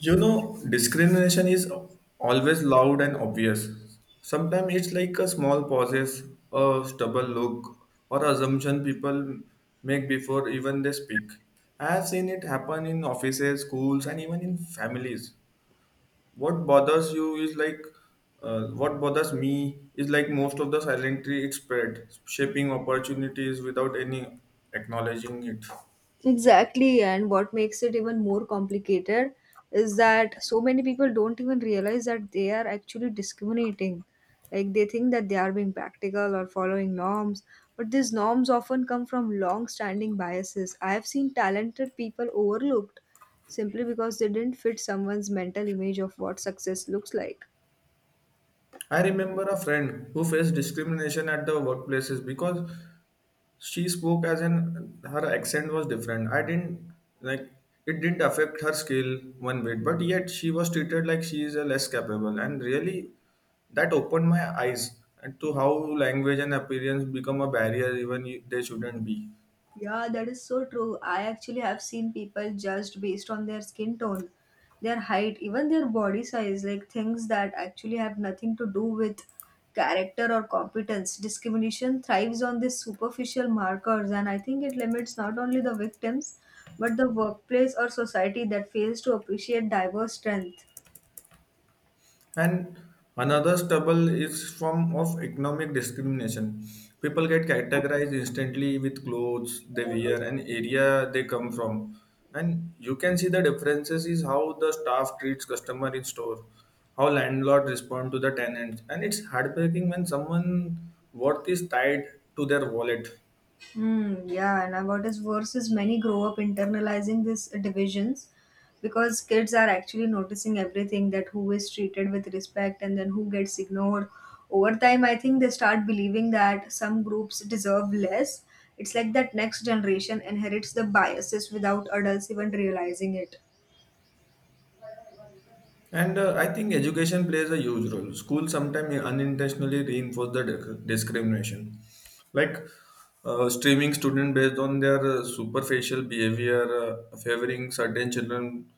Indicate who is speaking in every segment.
Speaker 1: Discrimination is always loud and obvious. Sometimes it's like a small pauses, a stubborn look, or assumption people make before even they speak. I have seen it happen in offices, schools, and even in families. What bothers you is like, what bothers me is like most of the silently it spread, shaping opportunities without any acknowledging it.
Speaker 2: Exactly, and what makes it even more complicated is that so many people don't even realize that they are actually discriminating. Like they think that they are being practical or following norms, but these norms often come from long standing biases. I have seen talented people overlooked simply because they didn't fit someone's mental image of what success looks like.
Speaker 1: I remember a friend who faced discrimination at the workplaces because she spoke as in her accent was different. I didn't like It didn't affect her skill one bit, but yet she was treated like she is a less capable. And really, that opened my eyes and to how language and appearance become a barrier even they shouldn't be.
Speaker 2: Yeah, that is so true. I actually have seen people judged based on their skin tone, their height, even their body size, like things that actually have nothing to do with character or competence. Discrimination thrives on these superficial markers, and I think it limits not only the victims, but the workplace or society that fails to appreciate diverse strength.
Speaker 1: And another stubble is form of economic discrimination. People get categorized instantly with clothes they wear and area they come from. And you can see the differences is how the staff treats customer in store, how landlord respond to the tenant. And it's heartbreaking when someone worth is tied to their wallet.
Speaker 2: Hmm, yeah, and about his verses, many grow up internalizing these divisions because kids are actually noticing everything that who is treated with respect and then who gets ignored. Over time, I think they start believing that some groups deserve less. It's like that next generation inherits the biases without adults even realizing it.
Speaker 1: And I think education plays a huge role. Schools sometimes unintentionally reinforce the discrimination, like streaming students based on their superficial behavior, favoring certain children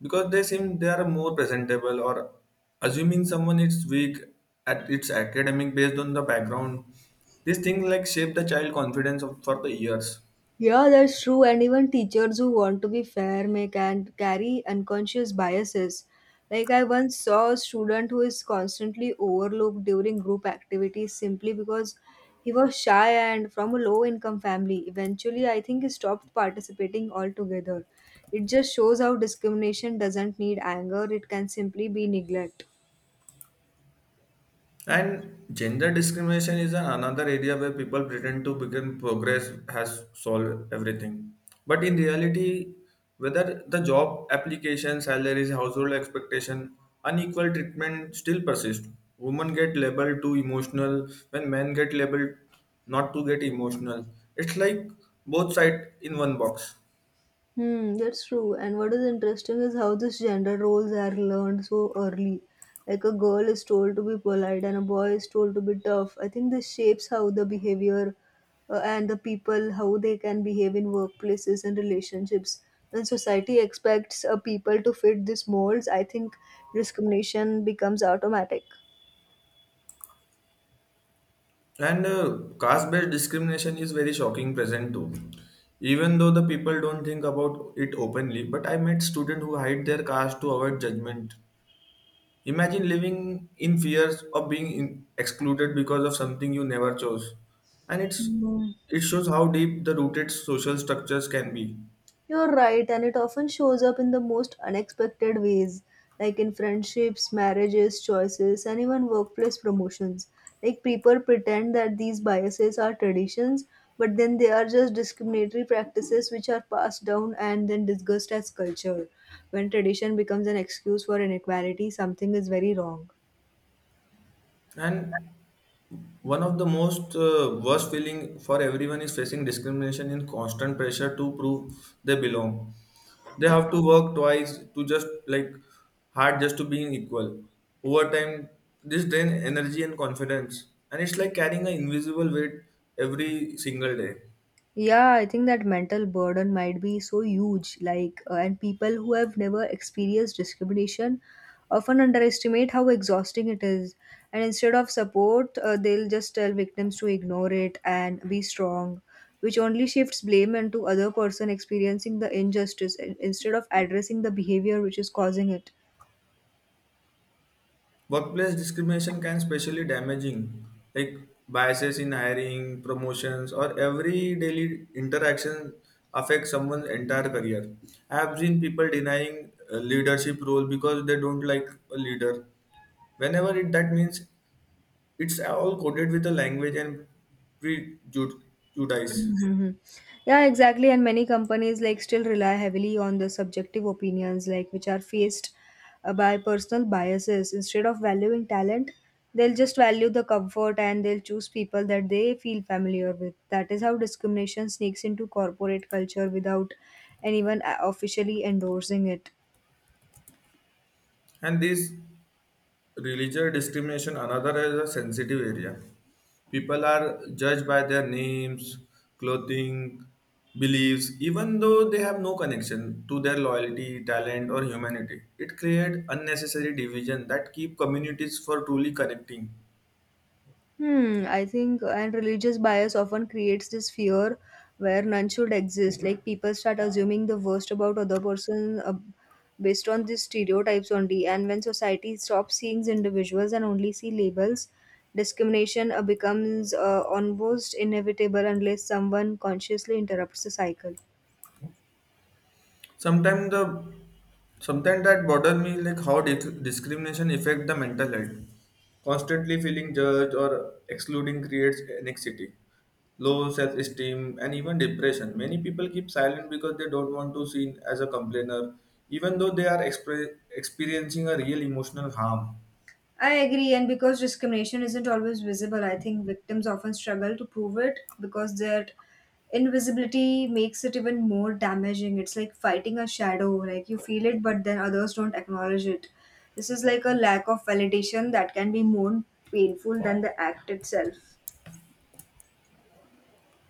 Speaker 1: because they seem they are more presentable, or assuming someone is weak at its academic based on the background. These things like shape the child confidence for the years.
Speaker 2: Yeah, that's true. And even teachers who want to be fair may can carry unconscious biases. Like I once saw a student who is constantly overlooked during group activities simply because he was shy and from a low income family. Eventually, I think he stopped participating altogether. It just shows how discrimination doesn't need anger, it can simply be neglect.
Speaker 1: And gender discrimination is another area where people pretend to begin progress has solved everything. But in reality, whether the job application, salaries, household expectation, unequal treatment still persist. Women get labeled too emotional when men get labeled not to get emotional. It's like both sides in one box.
Speaker 2: Hmm, that's true. And what is interesting is how these gender roles are learned so early. Like a girl is told to be polite and a boy is told to be tough. I think this shapes how the behavior and the people how they can behave in workplaces and relationships. When society expects people to fit these molds, I think discrimination becomes automatic.
Speaker 1: And caste-based discrimination is very shocking present too. Even though the people don't think about it openly, but I met students who hide their caste to avoid judgment. Imagine living in fears of being excluded because of something you never chose. And it's
Speaker 2: Hmm.
Speaker 1: it shows how deep the rooted social structures can be.
Speaker 2: You're right, and it often shows up in the most unexpected ways, like in friendships, marriages, choices, and even workplace promotions. Like people pretend that these biases are traditions, but then they are just discriminatory practices which are passed down and then discussed as culture. When tradition becomes an excuse for inequality, something is very wrong.
Speaker 1: And one of the most worst feeling for everyone is facing discrimination in constant pressure to prove they belong. They have to work twice to just like hard just to being equal. Over time, this drain energy and confidence, and it's like carrying an invisible weight every single day.
Speaker 2: Yeah, I think that mental burden might be so huge. Like, and people who have never experienced discrimination often underestimate how exhausting it is. And instead of support, they'll just tell victims to ignore it and be strong, which only shifts blame onto other person experiencing the injustice instead of addressing the behavior which is causing it.
Speaker 1: Workplace discrimination can especially damaging, like biases in hiring promotions or every daily interaction affect someone's entire career. I have seen people denying a leadership role because they don't like a leader, whenever it that means. It's all coded with the language and prejudice.
Speaker 2: Mhm. Yeah, exactly. And many companies like still rely heavily on the subjective opinions, like which are faced by personal biases. Instead of valuing talent, they'll just value the comfort and they'll choose people that they feel familiar with. That is how discrimination sneaks into corporate culture without anyone officially endorsing it.
Speaker 1: And this religious discrimination, another is a sensitive area. People are judged by their names, clothing, beliefs, even though they have no connection to their loyalty, talent, or humanity. It creates unnecessary division that keep communities for truly connecting.
Speaker 2: Hmm, I think, and religious bias often creates this fear where none should exist. Like people start assuming the worst about other person based on these stereotypes only. And when society stops seeing individuals and only see labels, discrimination becomes almost inevitable unless someone consciously interrupts the cycle.
Speaker 1: Sometimes the Sometimes that bother me like how discrimination affect the mental health. Constantly feeling judged or excluding creates anxiety, low self-esteem, and even depression. Many people keep silent because they don't want to seen as a complainer, even though they are experiencing a real emotional harm.
Speaker 2: I agree, and because discrimination isn't always visible, I think victims often struggle to prove it because their invisibility makes it even more damaging. It's like fighting a shadow, like you feel it, but then others don't acknowledge it. This is like a lack of validation that can be more painful than the act itself.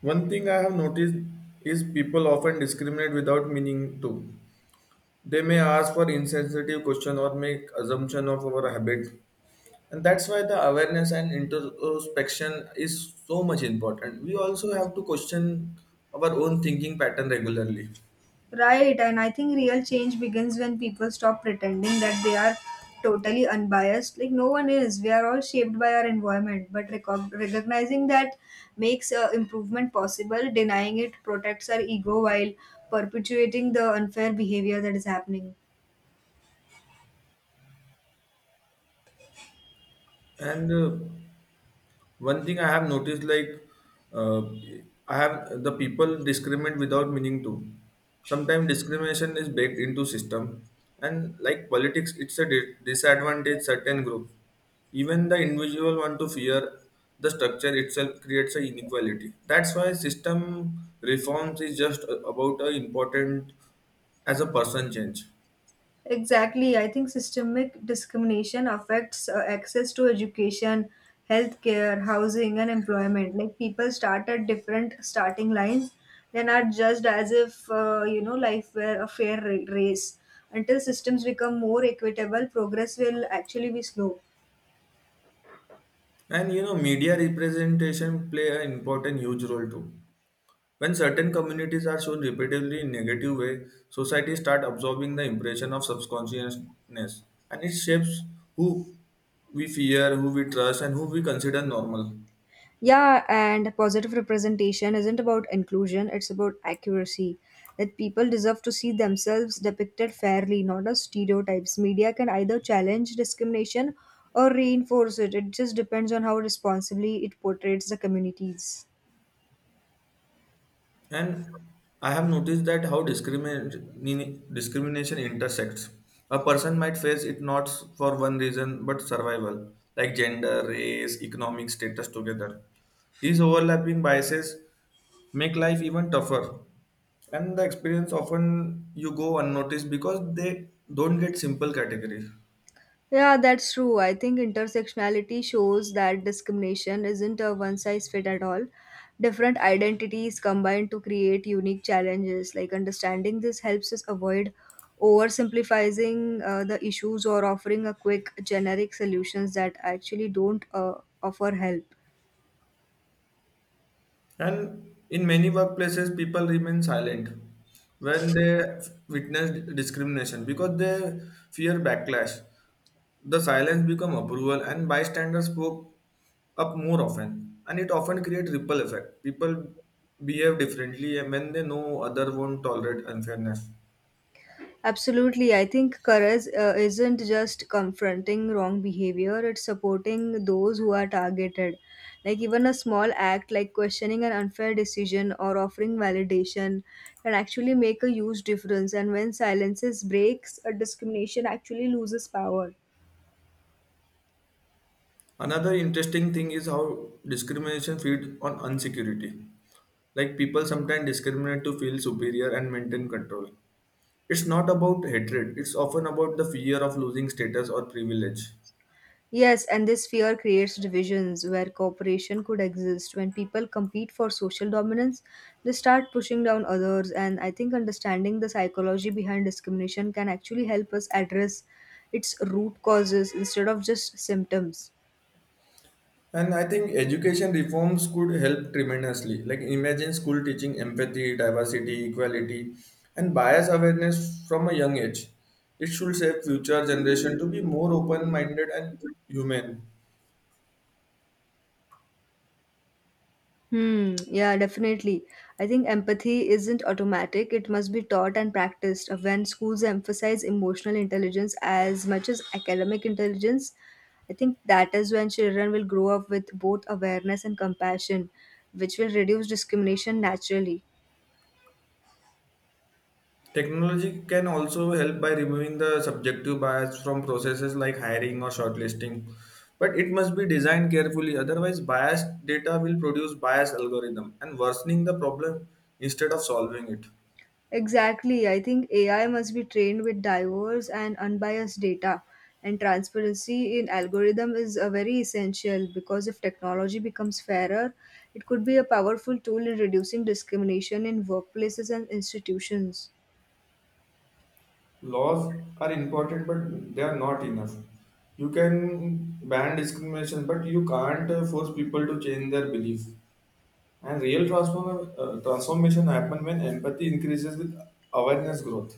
Speaker 1: One thing I have noticed is people often discriminate without meaning to. They may ask for insensitive question or make assumption of our habit, and that's why the awareness and introspection is so much important. We also have to question our own thinking pattern regularly.
Speaker 2: Right, and I think real change begins when people stop pretending that they are totally unbiased. Like, no one is. We are all shaped by our environment, but recognizing that makes improvement possible. Denying it protects our ego while perpetuating the unfair behavior that is happening.
Speaker 1: And one thing I have noticed, like uh, I have the people discriminate without meaning to. Sometimes discrimination is baked into system, and like politics, it's a disadvantage certain groups. Even the individual want to fear, the structure itself creates a inequality. That's why system reforms is just about a important as a person change.
Speaker 2: Exactly. I think systemic discrimination affects access to education, healthcare, housing, and employment. Like people start at different starting lines, then are judged as if, you know, life were a fair race. Until systems become more equitable, progress will actually be slow.
Speaker 1: And media representation play an important huge role too. When certain communities are shown repeatedly in negative way, society start absorbing the impression of subconsciousness, and it shapes who we fear, who we trust, and who we consider normal.
Speaker 2: Yeah, and positive representation isn't about inclusion, it's about accuracy. That people deserve to see themselves depicted fairly, not as stereotypes. Media can either challenge discrimination or reinforce it. It just depends on how responsibly it portrays the communities.
Speaker 1: And I have noticed that how discrimination intersects. A person might face it not for one reason but survival, like gender, race, economic status together. These overlapping biases make life even tougher. And the experience often you go unnoticed because they don't get simple categories.
Speaker 2: Yeah, that's true. I think intersectionality shows that discrimination isn't a one size fit at all. Different identities combine to create unique challenges. Like understanding this helps us avoid oversimplifying the issues or offering a quick generic solutions that actually don't offer help.
Speaker 1: And in many workplaces, people remain silent when they witness discrimination because they fear backlash. The silence become approval, and bystanders spoke up more often and it often create ripple effect. People behave differently and when they know other won't tolerate unfairness.
Speaker 2: Absolutely. I think courage isn't just confronting wrong behavior, it's supporting those who are targeted. Like, even a small act like questioning an unfair decision or offering validation can actually make a huge difference. And when silences breaks, a discrimination actually loses power.
Speaker 1: Another interesting thing is how discrimination feed on insecurity. Like people sometimes discriminate to feel superior and maintain control. It's not about hatred, it's often about the fear of losing status or privilege.
Speaker 2: Yes, and this fear creates divisions where cooperation could exist. When people compete for social dominance, they start pushing down others. And I think understanding the psychology behind discrimination can actually help us address its root causes instead of just symptoms.
Speaker 1: And I think education reforms could help tremendously. Like imagine school teaching empathy, diversity, equality, and bias awareness from a young age. It should shape future generation to be more open-minded and human.
Speaker 2: Hmm, yeah, definitely. I think empathy isn't automatic. It must be taught and practiced. When schools emphasize emotional intelligence as much as academic intelligence, I think that is when children will grow up with both awareness and compassion, which will reduce discrimination naturally.
Speaker 1: Technology can also help by removing the subjective bias from processes like hiring or shortlisting. But it must be designed carefully, otherwise biased data will produce biased algorithm and worsening the problem instead of solving it.
Speaker 2: Exactly. I think AI must be trained with diverse and unbiased data, and transparency in algorithm is a very essential because if technology becomes fairer, it could be a powerful tool in reducing discrimination in workplaces and institutions.
Speaker 1: Laws are important, but they are not enough. You can ban discrimination, but you can't force people to change their beliefs. And real transformation happen when empathy increases with awareness growth.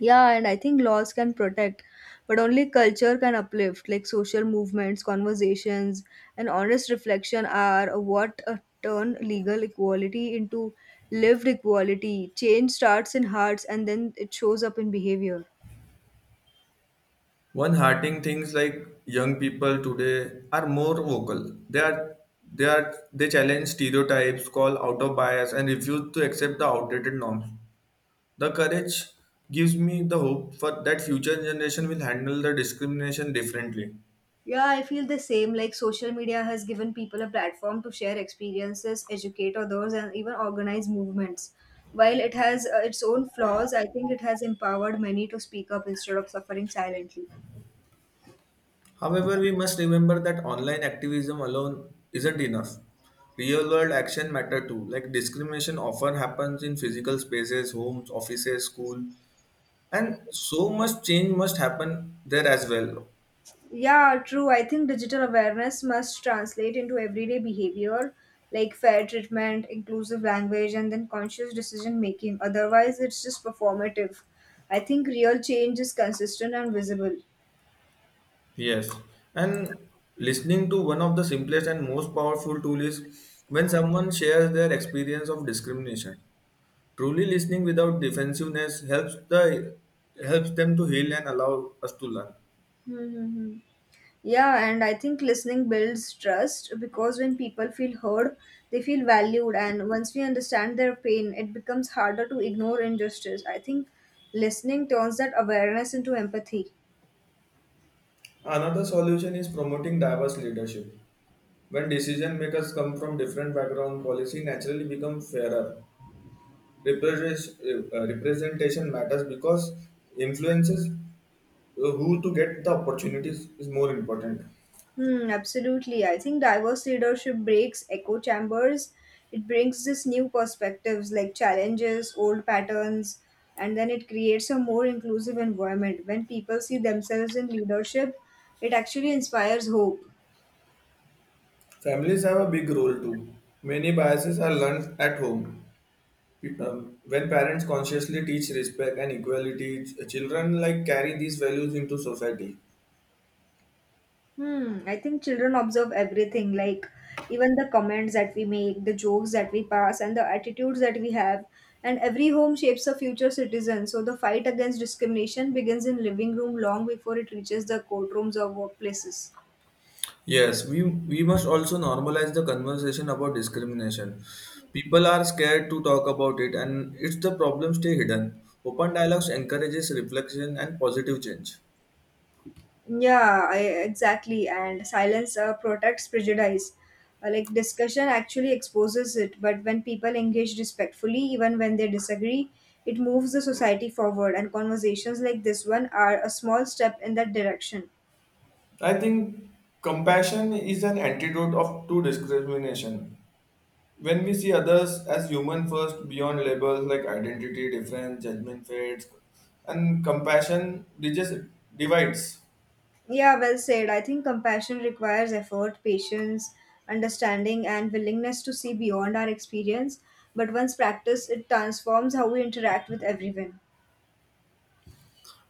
Speaker 2: Yeah, and I think laws can protect, but only culture can uplift. Like social movements, conversations, and honest reflection are what turn legal equality into lived equality. Change starts in hearts and then it shows up in behavior.
Speaker 1: One hearting things like young people today are more vocal. They challenge stereotypes, call out of bias, and refuse to accept the outdated norms. The courage gives me the hope for that future generation will handle the discrimination differently.
Speaker 2: Yeah, I feel the same. Like social media has given people a platform to share experiences, educate others, and even organize movements. While it has its own flaws, I think it has empowered many to speak up instead of suffering silently.
Speaker 1: However, we must remember that online activism alone isn't enough. Real world action matter too. Like discrimination often happens in physical spaces, homes, offices, school, and so much change must happen there as well.
Speaker 2: Yeah, true. I think digital awareness must translate into everyday behavior like fair treatment, inclusive language, and then conscious decision making. Otherwise, it's just performative. I think real change is consistent and visible.
Speaker 1: Yes. And listening to one of the simplest and most powerful tool is when someone shares their experience of discrimination. Truly listening without defensiveness helps them to heal and allow us to learn.
Speaker 2: Mm-hmm. Yeah, and I think listening builds trust because when people feel heard, they feel valued, and once we understand their pain, it becomes harder to ignore injustice. I think listening turns that awareness into empathy.
Speaker 1: Another solution is promoting diverse leadership. When decision makers come from different background, policy naturally become fairer. Represent- Representation matters because influences who to get the opportunities is more important.
Speaker 2: Hmm, absolutely. I think diverse leadership breaks echo chambers. It brings this new perspectives like challenges, old patterns, and then it creates a more inclusive environment. When people see themselves in leadership, it actually inspires hope.
Speaker 1: Families have a big role too. Many biases are learned at home. When parents consciously teach respect and equality, children like carry these values into society.
Speaker 2: Hmm, I think children observe everything, like even the comments that we make, the jokes that we pass, and the attitudes that we have. And every home shapes a future citizen. So the fight against discrimination begins in living room long before it reaches the courtrooms or workplaces.
Speaker 1: Yes, we must also normalize the conversation about discrimination. People are scared to talk about it and it's the problem stay hidden. Open dialogues encourages reflection and positive change.
Speaker 2: Yeah, I, exactly. And silence protects prejudice. Like discussion actually exposes it, but when people engage respectfully, even when they disagree, it moves the society forward. And conversations like this one are a small step in that direction.
Speaker 1: I think compassion is an antidote of to discrimination. When we see others as human first, beyond labels like identity, difference, judgment, fates, and compassion, they just divides.
Speaker 2: Yeah, well said. I think compassion requires effort, patience, understanding, and willingness to see beyond our experience. But once practiced, it transforms how we interact with everyone.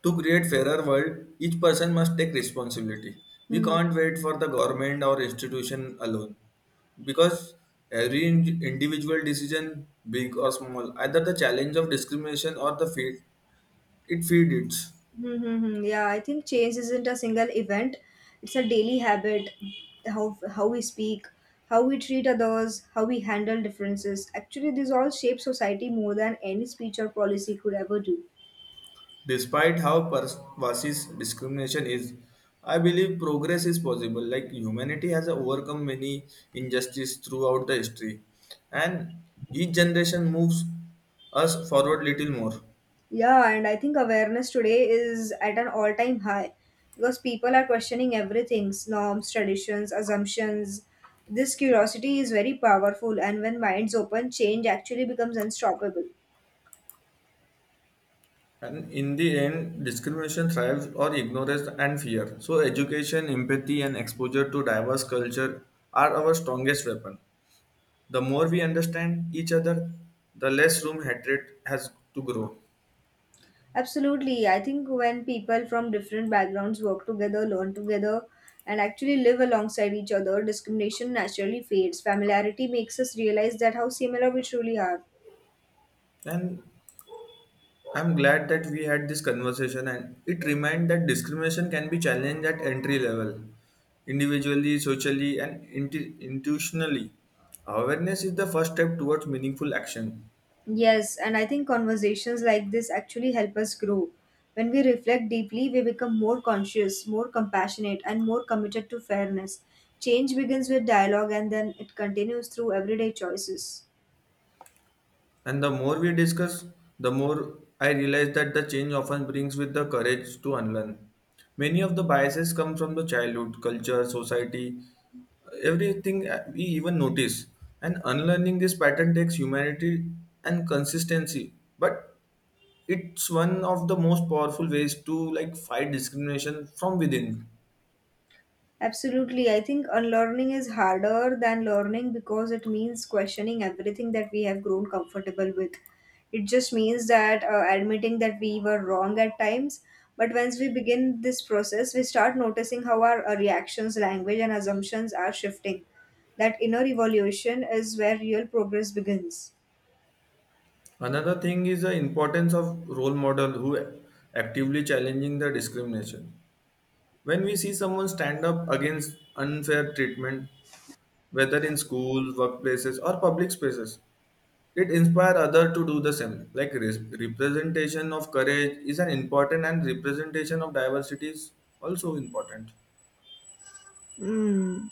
Speaker 1: To create fairer world, each person must take responsibility. We
Speaker 2: Hmm.
Speaker 1: can't wait for the government or institution alone because every individual decision, big or small, either the challenge of discrimination or the feed, it feeds it.
Speaker 2: Mm-hmm. Yeah, I think change isn't a single event. It's a daily habit. How we speak, how we treat others, how we handle differences. Actually, these all shape society more than any speech or policy could ever do.
Speaker 1: Despite how pervasive discrimination is, I believe progress is possible. Like humanity has overcome many injustices throughout the history, and each generation moves us forward little more.
Speaker 2: Yeah, and I think awareness today is at an all-time high because people are questioning everything, norms, traditions, assumptions. This curiosity is very powerful, and when minds open, change actually becomes unstoppable.
Speaker 1: And in the end, discrimination thrives or ignorance and fear. So, education, empathy, and exposure to diverse culture are our strongest weapon. The more we understand each other, the less room hatred has to grow.
Speaker 2: Absolutely. I think when people from different backgrounds work together, learn together, and actually live alongside each other, discrimination naturally fades. Familiarity makes us realize that how similar we truly are.
Speaker 1: And I'm glad that we had this conversation, and it reminds that discrimination can be challenged at entry level, individually, socially, and institutionally. Awareness is the first step towards meaningful action.
Speaker 2: Yes, and I think conversations like this actually help us grow. When we reflect deeply, we become more conscious, more compassionate, and more committed to fairness. Change begins with dialogue and then it continues through everyday choices.
Speaker 1: And the more we discuss, the more I realize that the change often brings with the courage to unlearn. Many of the biases come from the childhood, culture, society, everything we even notice. And unlearning this pattern takes humanity and consistency. But it's one of the most powerful ways to like fight discrimination from within.
Speaker 2: Absolutely. I think unlearning is harder than learning because it means questioning everything that we have grown comfortable with. It just means that admitting that we were wrong at times. But once we begin this process, we start noticing how our reactions, language, and assumptions are shifting. That inner evolution is where real progress begins.
Speaker 1: Another thing is the importance of role model who actively challenging the discrimination. When we see someone stand up against unfair treatment, whether in schools, workplaces, or public spaces, it inspires others to do the same. Like representation of courage is an important, and representation of diversity is also important.
Speaker 2: Hmm.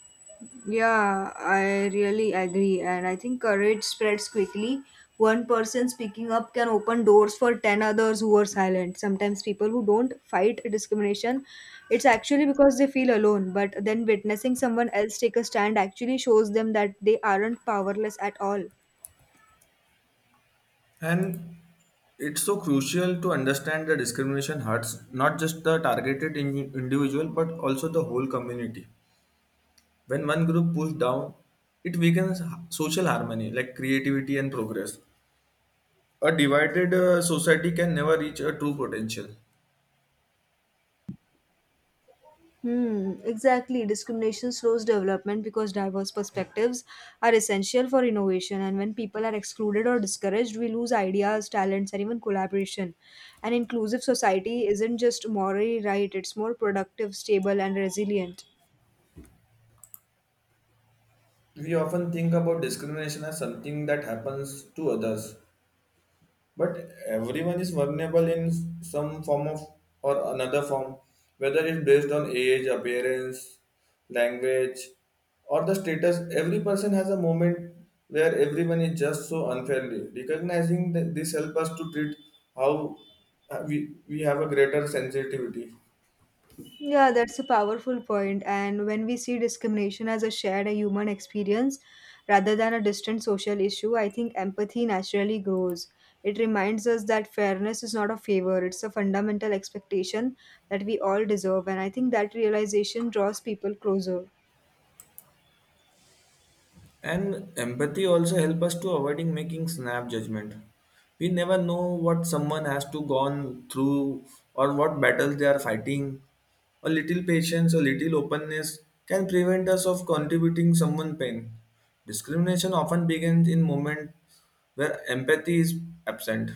Speaker 2: Yeah, I really agree. And I think courage spreads quickly. One person speaking up can open doors for 10 others who are silent. Sometimes people who don't fight discrimination, it's actually because they feel alone. But then witnessing someone else take a stand actually shows them that they aren't powerless at all.
Speaker 1: And it's so crucial to understand that discrimination hurts not just the targeted individual but also the whole community. When one group pushed down, it weakens social harmony, like creativity and progress. A divided society can never reach a true potential.
Speaker 2: Hmm, exactly. Discrimination slows development because diverse perspectives are essential for innovation. And when people are excluded or discouraged, we lose ideas, talents, and even collaboration. An inclusive society isn't just morally right, it's more productive, stable, and resilient.
Speaker 1: We often think about discrimination as something that happens to others, but everyone is vulnerable in some form of or another form, whether it's based on age, appearance, language, or the status. Every person has a moment where everyone is just so unfairly. Recognizing that this helps us to treat how we have a greater sensitivity.
Speaker 2: Yeah, that's a powerful point. And when we see discrimination as a shared a human experience rather than a distant social issue, I think empathy naturally grows. It reminds us that fairness is not a favor, it's a fundamental expectation that we all deserve. And I think that realization draws people closer.
Speaker 1: And empathy also help us to avoiding making snap judgment. We never know what someone has to gone through or what battles they are fighting. A little patience, a little openness can prevent us of contributing someone pain. Discrimination often begins in moment where empathy is absent.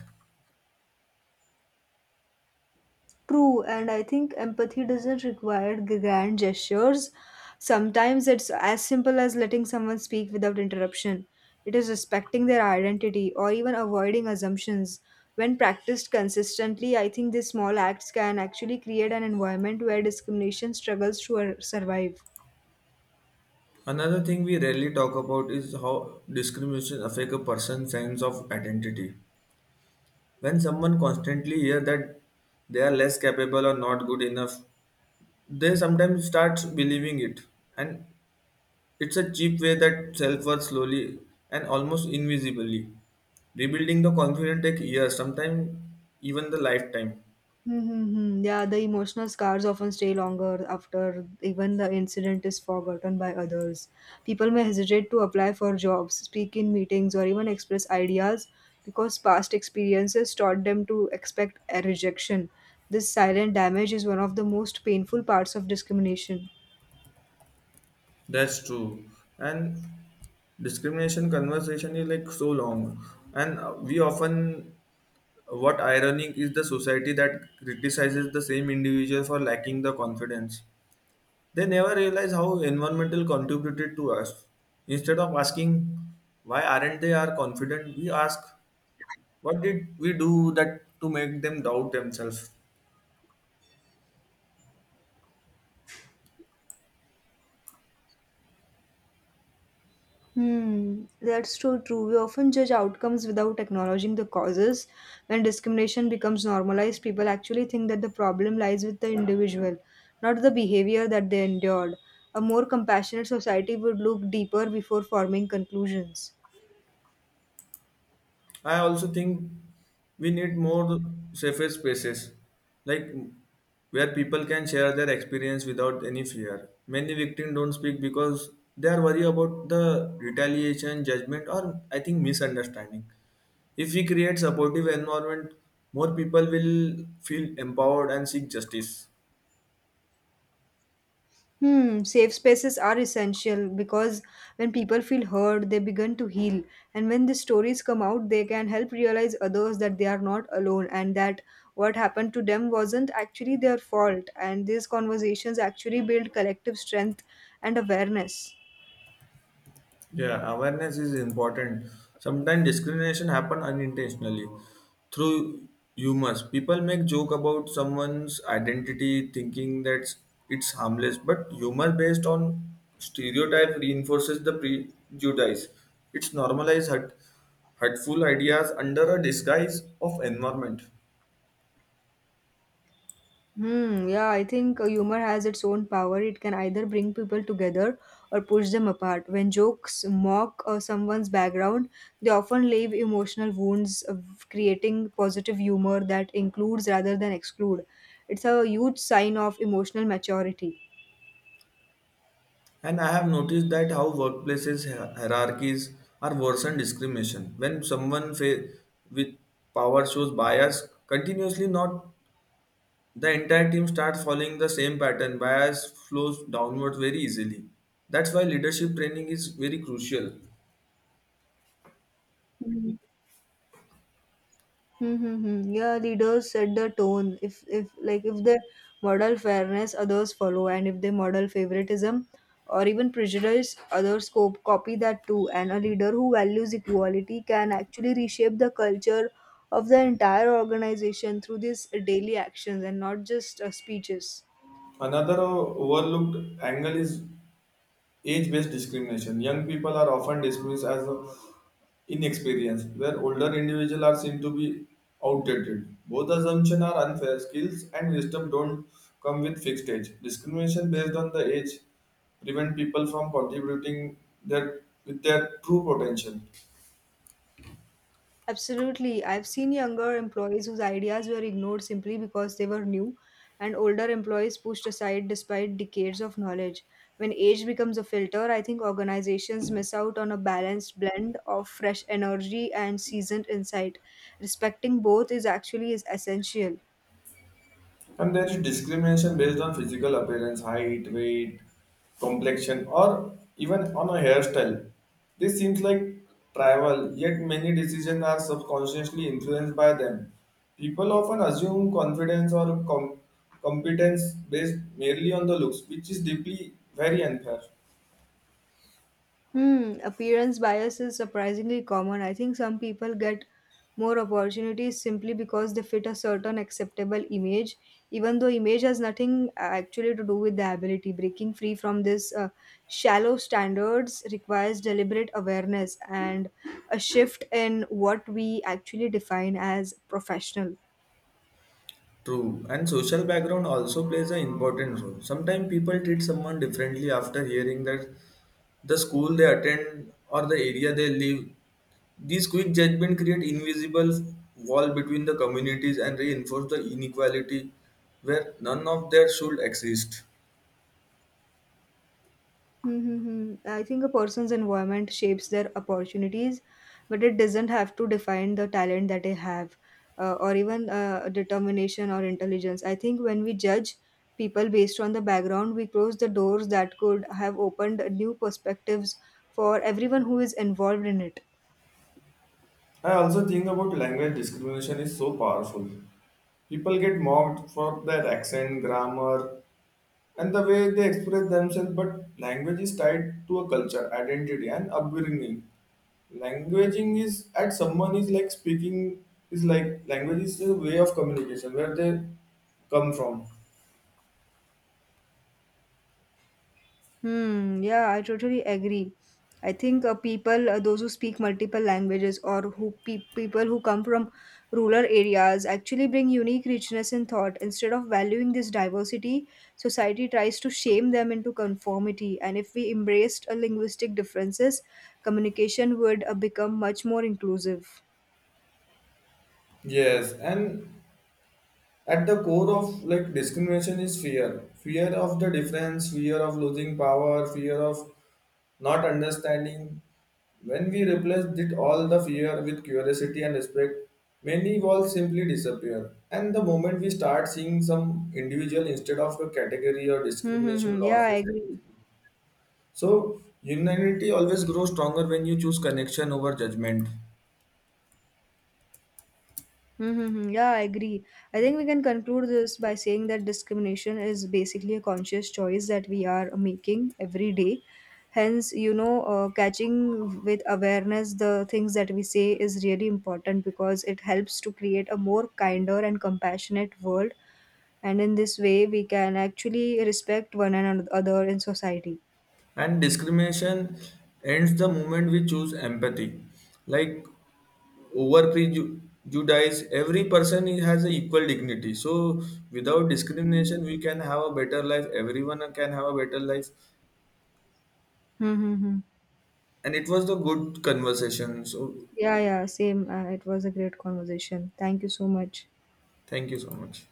Speaker 2: True, and I think empathy doesn't require grand gestures. Sometimes it's as simple as letting someone speak without interruption. It is respecting their identity or even avoiding assumptions. When practiced consistently, I think these small acts can actually create an environment where discrimination struggles to survive.
Speaker 1: Another thing we rarely talk about is how discrimination affect a person's sense of identity. When someone constantly hears that they are less capable or not good enough, they sometimes start believing it, and it's a cheap way that self worth slowly and almost invisibly. Rebuilding the confidence takes years, sometimes even the lifetime.
Speaker 2: Mm-hmm. Yeah, the emotional scars often stay longer after even the incident is forgotten by others. People may hesitate to apply for jobs, speak in meetings, or even express ideas because past experiences taught them to expect a rejection. This silent damage is one of the most painful parts of discrimination.
Speaker 1: That's true. And discrimination conversation is like so long, and we often what ironic is the society that criticizes the same individual for lacking the confidence. They never realize how environmental contributed to us. Instead of asking why aren't they are confident, we ask what did we do that to make them doubt themselves.
Speaker 2: Hmm, that's so true. We often judge outcomes without acknowledging the causes. When discrimination becomes normalized, people actually think that the problem lies with the individual, not the behavior that they endured. A more compassionate society would look deeper before forming conclusions.
Speaker 1: I also think we need more safer spaces, like where people can share their experience without any fear. Many victims don't speak because they are worried about the retaliation, judgment, or I think misunderstanding. If we create supportive environment, more people will feel empowered and seek justice.
Speaker 2: Hmm, safe spaces are essential because when people feel heard, they begin to heal. And when these stories come out, they can help realize others that they are not alone and that what happened to them wasn't actually their fault. And these conversations actually build collective strength and awareness.
Speaker 1: Yeah, awareness is important. Sometimes discrimination happen unintentionally through humors. People make joke about someone's identity, thinking that it's harmless. But humor based on stereotype reinforces the prejudice. It's hurtful ideas under a disguise of environment.
Speaker 2: Hmm, yeah, I think humor has its own power. It can either bring people together or push them apart. When jokes mock someone's background, they often leave emotional wounds of creating positive humor that includes rather than exclude. It's a huge sign of emotional maturity.
Speaker 1: And I have noticed that how workplaces hierarchies are worsen discrimination when someone with power shows bias continuously. Not the entire team starts following the same pattern. Bias flows downwards very easily. That's why leadership training is very crucial.
Speaker 2: Mhm. Mm-hmm. Yeah, leaders set the tone. If they model fairness, others follow, and if they model favoritism or even prejudice, others copy that too. And a leader who values equality can actually reshape the culture of the entire organization through these daily actions and not just speeches.
Speaker 1: Another overlooked angle is age-based discrimination. Young people display inexperience, where older to be outdated. Both are unfair. Skills and wisdom don't come with fixed age. Discrimination on the age prevent people from exhibiting their with their true potential.
Speaker 2: Absolutely. I've seen younger employees whose ideas were ignored simply because they were new, and older employees pushed aside despite decades of knowledge. When age becomes a filter, I think organizations miss out on a balanced blend of fresh energy and seasoned insight. Respecting both is essential.
Speaker 1: And there is discrimination based on physical appearance, height, weight, complexion, or even on a hairstyle. This seems like trivial, yet many decisions are subconsciously influenced by them. People often assume confidence or competence based merely on the looks, which is deeply very unfair.
Speaker 2: Hmm, appearance bias is surprisingly common. I think some people get more opportunities simply because they fit a certain acceptable image, even though image has nothing actually to do with the ability. Breaking free from this shallow standards requires deliberate awareness and a shift in what we actually define as professional.
Speaker 1: True, and social background also plays an important role. Sometimes people treat someone differently after hearing that the school they attend or the area they live, these quick judgments create invisible wall between the communities and reinforce the inequality where none of that should exist.
Speaker 2: Mm-hmm. I think a person's environment shapes their opportunities, but it doesn't have to define the talent that they have, or even determination or intelligence. I think when we judge people based on the background, we close the doors that could have opened new perspectives for everyone who is involved in it.
Speaker 1: I also think about language discrimination is so powerful. People get mocked for their accent, grammar, and the way they express themselves, but language is tied to a culture, identity, and upbringing. Languaging is at someone is like speaking is like language is a way of communication where they come from.
Speaker 2: Hmm, yeah, I totally agree. I think people, those who speak multiple languages or who people who come from rural areas actually bring unique richness in thought. Instead of valuing this diversity, society tries to shame them into conformity. And if we embraced linguistic differences, communication would become much more inclusive.
Speaker 1: Yes, and at the core of like discrimination is fear of the difference, fear of losing power, fear of not understanding. When we replace it all the fear with curiosity and respect, many walls simply disappear, and the moment we start seeing some individual instead of a category or
Speaker 2: Hmm, hmm,
Speaker 1: discrimination
Speaker 2: hmm. Yeah, I
Speaker 1: losses.
Speaker 2: agree.
Speaker 1: So, humanity always grows stronger when you choose connection over judgment.
Speaker 2: Mm-hmm. Yeah, I agree. I think we can conclude this by saying that discrimination is basically a conscious choice that we are making every day. Hence, you know, catching with awareness the things that we say is really important because it helps to create a more kinder and compassionate world. And in this way, we can actually respect one another in society.
Speaker 1: And discrimination ends the moment we choose empathy. Like over prejudice, every person has an equal dignity. So, without discrimination, we can have a better life. Everyone can have a better life.
Speaker 2: Mm-hmm.
Speaker 1: And it was the good conversation. So,
Speaker 2: Yeah, yeah, same. It was a great conversation. Thank you so much.
Speaker 1: thank you so much.